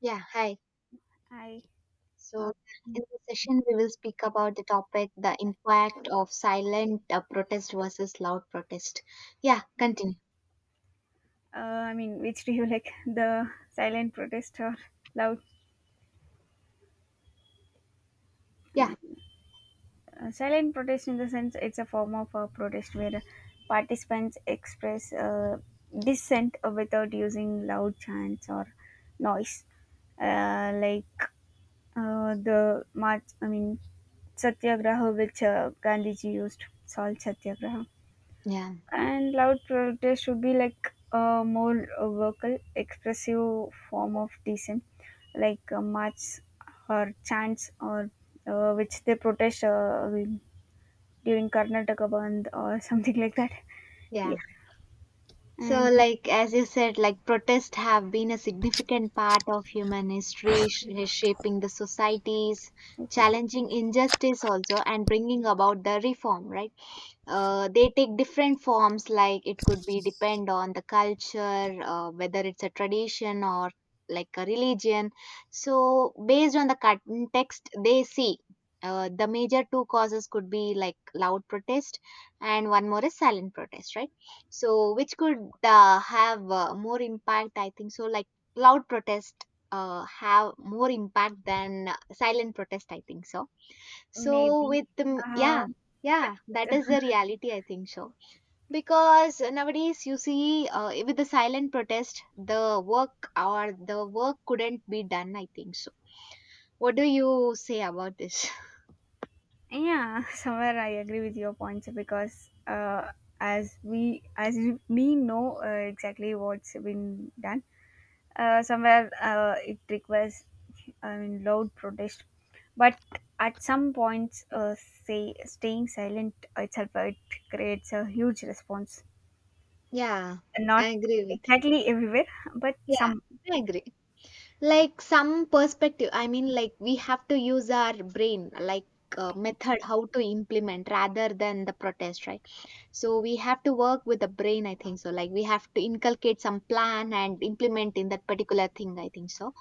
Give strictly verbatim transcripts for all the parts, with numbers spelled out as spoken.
Yeah, hi. I, So, uh, in mm, this session, we will speak about the topic the impact of silent uh, protest versus loud protest. Yeah, continue. uh, I mean, which do you like? The silent protest or loud? Yeah, And, uh, silent protest, in the sense, it's a form of a protest where participants express uh, dissent without using loud chants or noise. Uh, like uh, the march, I mean, Satyagraha, which uh, Gandhiji used, salt Satyagraha. yeah, And loud protest should be like a more uh, vocal expressive form of dissent, like uh, march or chants, or uh, which they protest uh, during Karnataka band or something like that. yeah. Yeah, So, and like, as you said, like, protests have been a significant part of human history, sh- shaping the societies, challenging injustice also, and bringing about the reform, right? Uh, they take different forms, like it could be depend on the culture, uh, whether it's a tradition or like a religion, so based on the context they see, uh, the major two causes could be like loud protest and one more is silent protest, right? So which could uh, have uh, more impact, I think so. Like loud protest uh, have more impact than uh, silent protest, I think so. So maybe, with the uh, yeah, yeah, that is the reality I think so. Because nowadays you see uh, with the silent protest, the work or the work couldn't be done. I think so. What do you say about this? yeah. Somewhere I agree with your points because uh, as we as we know uh, exactly what's been done. Uh, somewhere uh, it requires, I mean, loud protest. But at some points, uh, say staying silent itself, uh, it creates a huge response. Yeah, I Not agree with. exactly everywhere, but You. some. Yeah, I agree. Like some perspective. I mean, like we have to use our brain, like uh, method how to implement rather than the protest, right? So we have to work with the brain, I think so. Like we have to inculcate some plan and implement in that particular thing, I think so.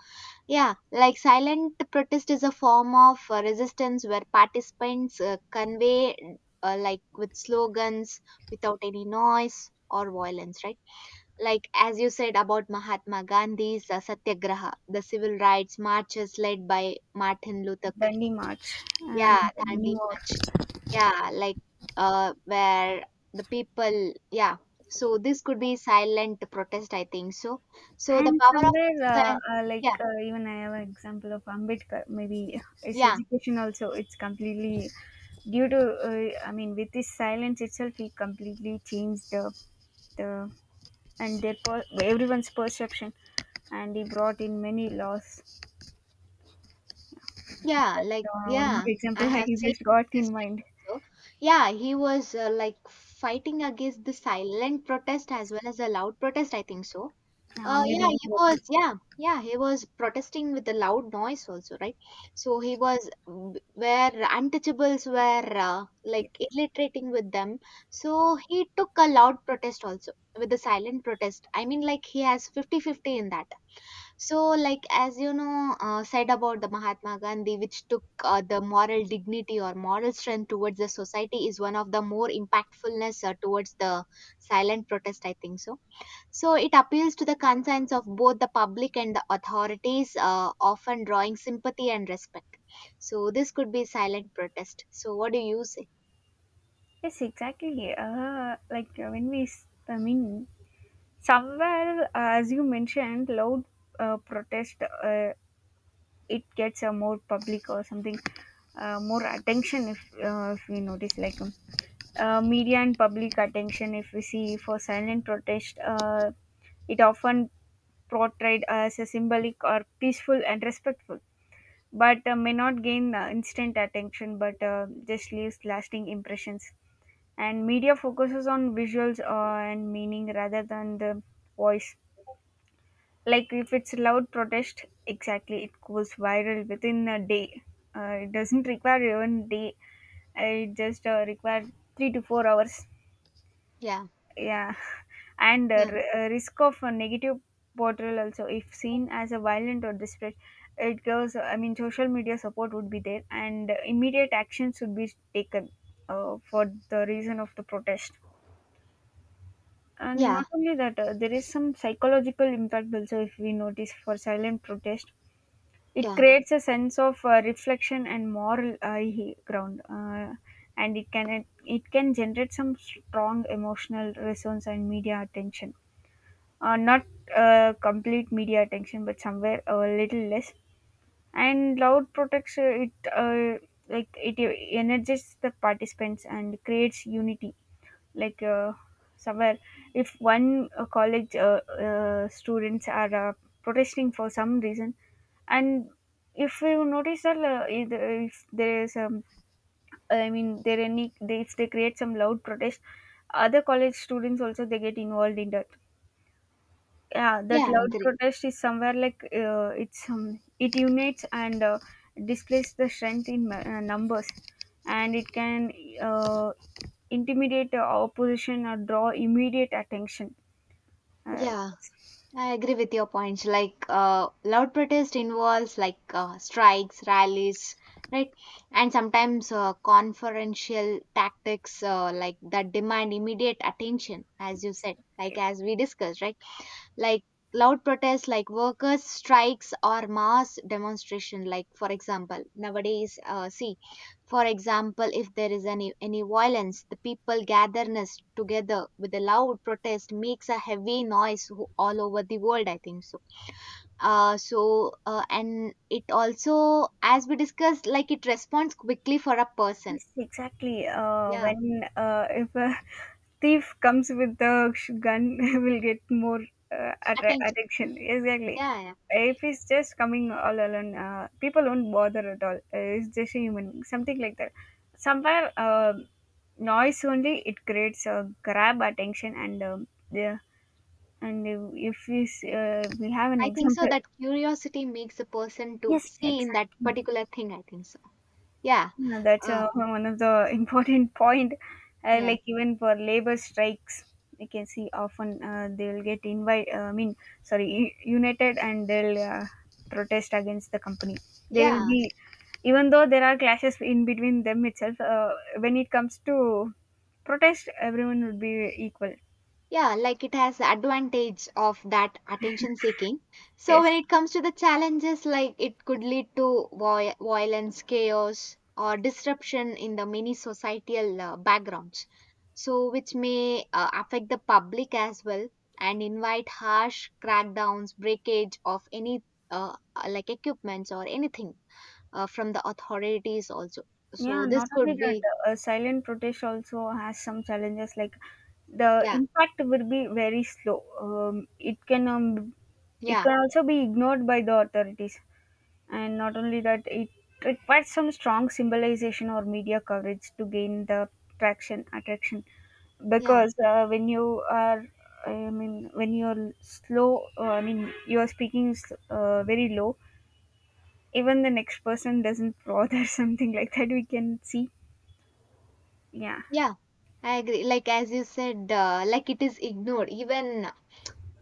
Yeah, like silent protest is a form of uh, resistance where participants uh, convey uh, like with slogans without any noise or violence, right? Like as you said about Mahatma Gandhi's uh, Satyagraha, the civil rights marches led by Martin Luther. Dandi March and Yeah, can't many be more. much. Yeah, like uh, where the people, yeah. So this could be silent protest, I think. So, so the And power of, somewhere, uh, si- uh, like, yeah, uh, even I have an example of Ambedkar. Maybe his yeah, education also, it's completely due to, uh, I mean, with his silence itself, he completely changed the the and their per- everyone's perception, and he brought in many laws. yeah, That's like uh, one more yeah, I example I have seen just got this in history. mind. So, yeah, he was uh, like fighting against the silent protest Yes. as well as the loud protest, I think so. Uh, Uh, yeah, Maybe he both. was, yeah, yeah, he was protesting with a loud noise also, right? So he was w- where untouchables were uh, like Yes, illiterating with them. So he took a loud protest also with a silent protest. I mean, like he has fifty fifty in that. So like as you know, uh, said about the Mahatma Gandhi, which took uh, the moral dignity or moral strength towards the society is one of the more impactfulness uh, towards the silent protest, I think so. So it appeals to the concerns of both the public and the authorities, uh, often drawing sympathy and respect. So this could be silent protest. So what do you say? yes, exactly. Uh, like, uh, when we s- I mean, somewhere, uh, as you mentioned, loud uh, protest, uh, it gets a more public or something, uh, more attention. If uh, if we notice, like, um, uh, media and public attention, if we see for silent protest, uh, it often portrayed as a symbolic or peaceful and respectful, but uh, may not gain uh, instant attention but uh, just leaves lasting impressions. And media focuses on visuals uh, and meaning rather than the voice. Like, if it's loud protest, exactly, it goes viral within a day. Uh, it doesn't require even day. It just uh, requires three to four hours. Yeah, Yeah, and uh, yeah, ri- uh, risk of a negative portrayal also, if seen as a violent or desperate. It goes, I mean, social media support would be there and immediate actions should be taken uh, for the reason of the protest. And yeah, not only that, uh, there is some psychological impact also. If we notice for silent protest, it yeah, creates a sense of uh, reflection and moral high ground. uh, and it can it, can generate some strong emotional resonance and media attention. Uh, not uh, complete media attention but somewhere a little less. And loud protects, uh, it, uh, like it energizes the participants and creates unity. Like, uh, somewhere, if one uh, college uh, uh, students are uh, protesting for some reason, and if you notice that, uh, if if there is, um, I mean, there any they, if they create some loud protest, other college students also, they get involved in that. Yeah, yeah. that I loud agree. protest is somewhere, like, uh, it's um, it unites and uh, displays the strength in ma- uh, numbers. And it can uh, intimidate uh, opposition or draw immediate attention. uh, Yeah, Yes. I agree with your points. Like uh, loud protest involves like uh, strikes, rallies, right? And sometimes uh, conferential tactics uh, like that demand immediate attention, as you said, like Okay. as we discussed, right? Like loud protests like workers strikes or mass demonstration, like for example nowadays uh, see, for example if there is any any violence the people gatherness together with a loud protest makes a heavy noise who- all over the world, I think so. Uh, so uh, and it also as we discussed like it responds quickly for a person. Yes, exactly. Uh, yeah, When, uh, if a thief comes with the sh- gun, will get more uh, attra- attention. attraction. Exactly. Yeah, yeah, If he's just coming all alone, uh, people won't bother at all. Uh, it's just a human being, something like that. Somewhere, uh, noise only it creates a grab attention and, um, yeah. And if if we s- uh, we have an I think so example. that curiosity makes a person to Yes, see in that exactly. particular thing, I think so. Yeah. Yeah, that's Uh, uh, one of the important point. Uh, yeah, Like, even for labor strikes, you can see, often uh, they'll get invite. Uh, I mean, sorry, u- united and they'll uh, protest against the company. They'll yeah, be, even though there are clashes in between them itself. Uh, when it comes to protest, everyone would be equal. yeah, like it has advantage of that attention seeking. So Yes. when it comes to the challenges, like it could lead to voi- violence, chaos, or disruption in the many societal uh, backgrounds. So which may uh, affect the public as well, and invite harsh crackdowns, breakage of any uh, uh, like equipments or anything uh, from the authorities also. So Yeah, this not could only that, be, uh, silent protest also has some challenges. Like, the yeah, impact will be very slow. Um, it can um, it yeah. can also be ignored by the authorities, and not only that, it requires some strong symbolization or media coverage to gain the traction attraction. yeah. Because uh, when you are, I mean, when you're slow, uh, I mean, you are speaking s- uh, very low. Even the next person doesn't bother something like that. We can see. Yeah, Yeah, I agree. Like as you said, uh, like it is ignored. Even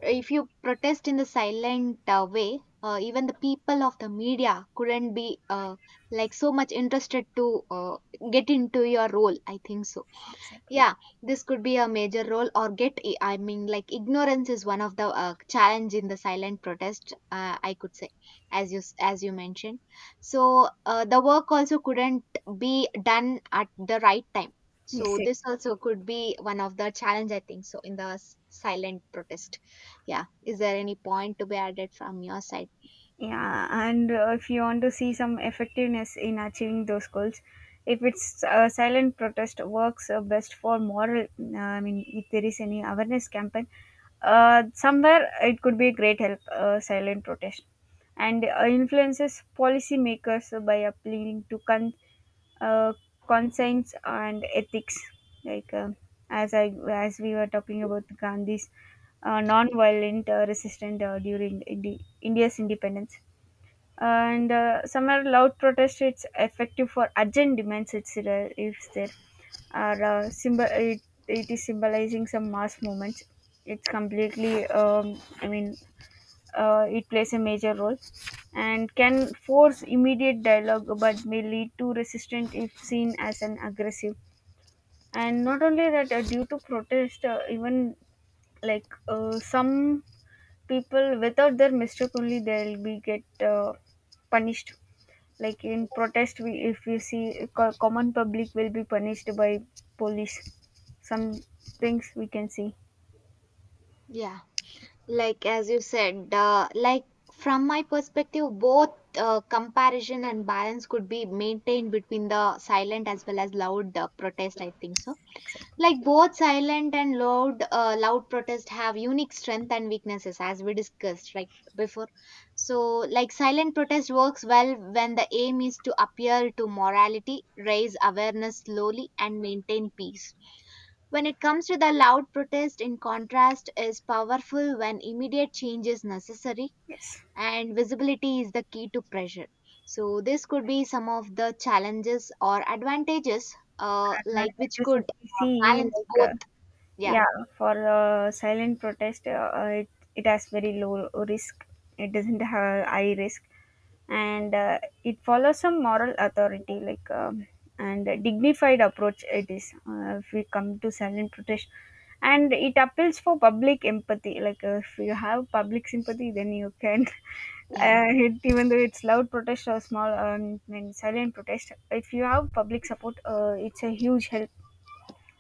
if you protest in the silent uh, way, uh, even the people of the media couldn't be uh, like so much interested to uh, get into your role. I think so. exactly. Yeah, this could be a major role or get. i- I mean, like ignorance is one of the uh, challenge in the silent protest. Uh, I could say, as you s- as you mentioned. So uh, the work also couldn't be done at the right time. So Yes. e- this also could be one of the challenge. I think so in the s- silent protest. Yeah, is there any point to be added from your side? Yeah, and uh, if you want to see some effectiveness in achieving those goals, if it's a silent protest works uh, best for moral, uh, I mean, if there is any awareness campaign, uh, somewhere it could be a great help, uh, silent protest. And uh, influences policymakers by appealing to con- uh, conscience and ethics, like, um as i as we were talking about Gandhi's uh, non-violent uh, resistance uh, during Indi- india's independence. And uh, somewhere loud protest, it's effective for urgent demands, it's there. If there are uh, symbol it, it is symbolizing some mass movements, it's completely, um, I mean, uh, it plays a major role, and can force immediate dialogue but may lead to resistance if seen as an aggressive. And not only that, uh, due to protest, uh, even, like, uh, some people without their mistake only, they'll be get uh, punished. Like in protest, we if you see, uh, co- common public will be punished by police, some things we can see. Yeah. Like as you said, uh, like from my perspective both uh, comparison and balance could be maintained between the silent as well as loud uh, protest, I think so. Like both silent and loud uh, loud protest have unique strength and weaknesses, as we discussed, like before. So like silent protest works well when the aim is to appeal to morality, raise awareness slowly and maintain peace. When it comes to the loud protest, in contrast, is powerful when immediate change is necessary Yes, and visibility is the key to pressure. So this could be some of the challenges or advantages, uh, like which advantages could if we uh, see, balance like, uh, both. Yeah, yeah, for uh, silent protest, uh, it, it has very low risk. It doesn't have high risk, and uh, it follows some moral authority, like, um, and a dignified approach. It is, uh, if we come to silent protest, and it appeals for public empathy. Like, uh, if you have public sympathy, then you can. yeah, Uh, it, even though it's loud protest or small, um, I mean silent protest, if you have public support, uh, it's a huge help.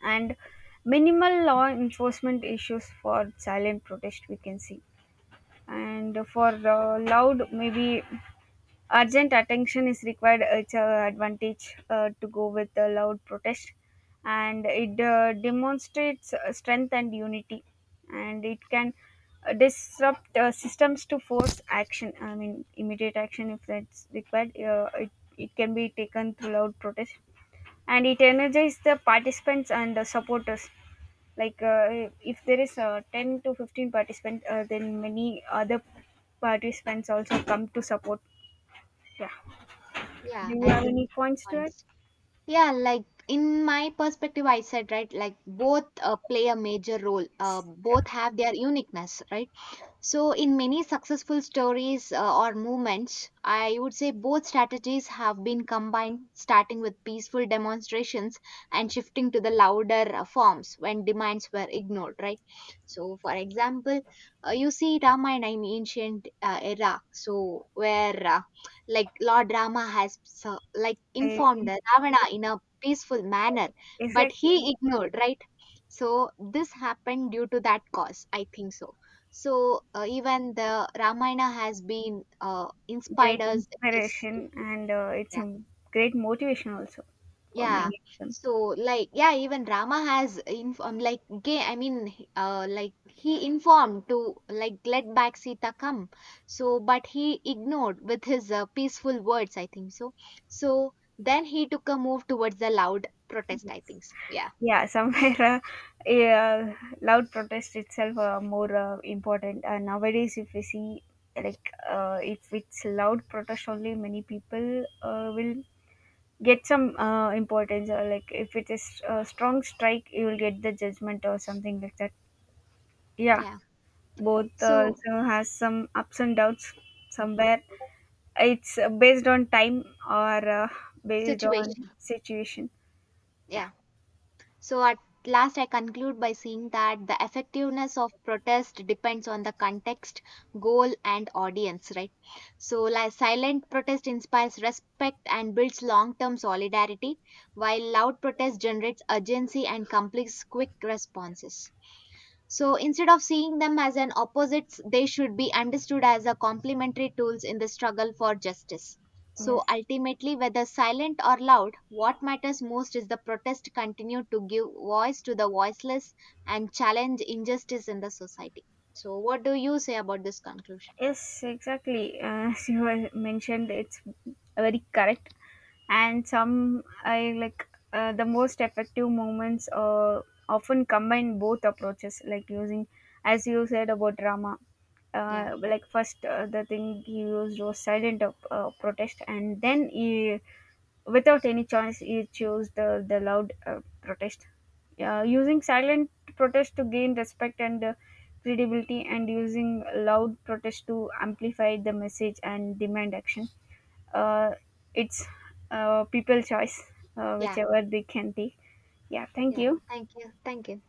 And minimal law enforcement issues for silent protest, we can see. And for uh, loud, maybe urgent attention is required, it's an advantage uh, to go with the loud protest. And it uh, demonstrates uh, strength and unity. And it can uh, disrupt uh, systems to force action, I mean immediate action if that's required. Uh, it, it can be taken through loud protest. And it energizes the participants and the supporters, like, uh, if there is uh, ten to fifteen participants, uh, then many other participants also come to support. Yeah. Do yeah. you I have agree any points to it? points. Yeah, like in my perspective, I said, right, like both uh, play a major role. Uh, both have their uniqueness, right? So, in many successful stories uh, or movements, I would say both strategies have been combined, starting with peaceful demonstrations and shifting to the louder uh, forms when demands were ignored, right? So, for example, uh, you see Ramayana in ancient uh, era, so where uh, like Lord Rama has so, like I, informed the Ravana in a peaceful yes, manner, but exactly. he ignored, right? So, this happened due to that cause, I think so. So uh, even the Ramayana has been uh, inspired Great us in this. inspiration, and uh, it's Yeah, a great motivation also for yeah. many of them. So like yeah, even Rama has informed like gay. I mean, he- uh, like he informed to like let back Sita come. So but he ignored with his uh, peaceful words. I think so. So then he took a move towards the loud protest. I think so. Yeah, Yeah. Somewhere, uh, yeah, loud protest itself, uh, more uh, important. And nowadays, if we see, like, uh, if it's loud protest only, many people uh, will get some uh, importance, or like, if it is a strong strike, you will get the judgment or something like that. Yeah, yeah. both uh, So also has some ups and downs. Somewhere, it's uh, based on time or uh, based on situation. situation. Yeah, Yeah. So, at last, I conclude by saying that the effectiveness of protest depends on the context, goal, and audience, right? So, like silent protest inspires respect and builds long term solidarity, while loud protest generates urgency and complex quick responses. So instead of seeing them as an opposites, they should be understood as a complementary tools in the struggle for justice. So yes. ultimately, whether silent or loud, what matters most is the protest continue to give voice to the voiceless and challenge injustice in the society. So what do you say about this conclusion? Yes, exactly. As you have mentioned, it's very correct. And some, I like, uh, the most effective movements uh, often combine both approaches, like, using, as you said, about drama, Yeah. uh, like, first uh, the thing he used was silent uh, uh, protest, and then he, without any choice, he chose the the loud uh, protest, uh, using silent protest to gain respect and uh, credibility, and using loud protest to amplify the message and demand action. uh, it's uh, people choice, uh, Yeah. whichever they can take. Yeah, thank Yeah. you. Thank you. Thank you.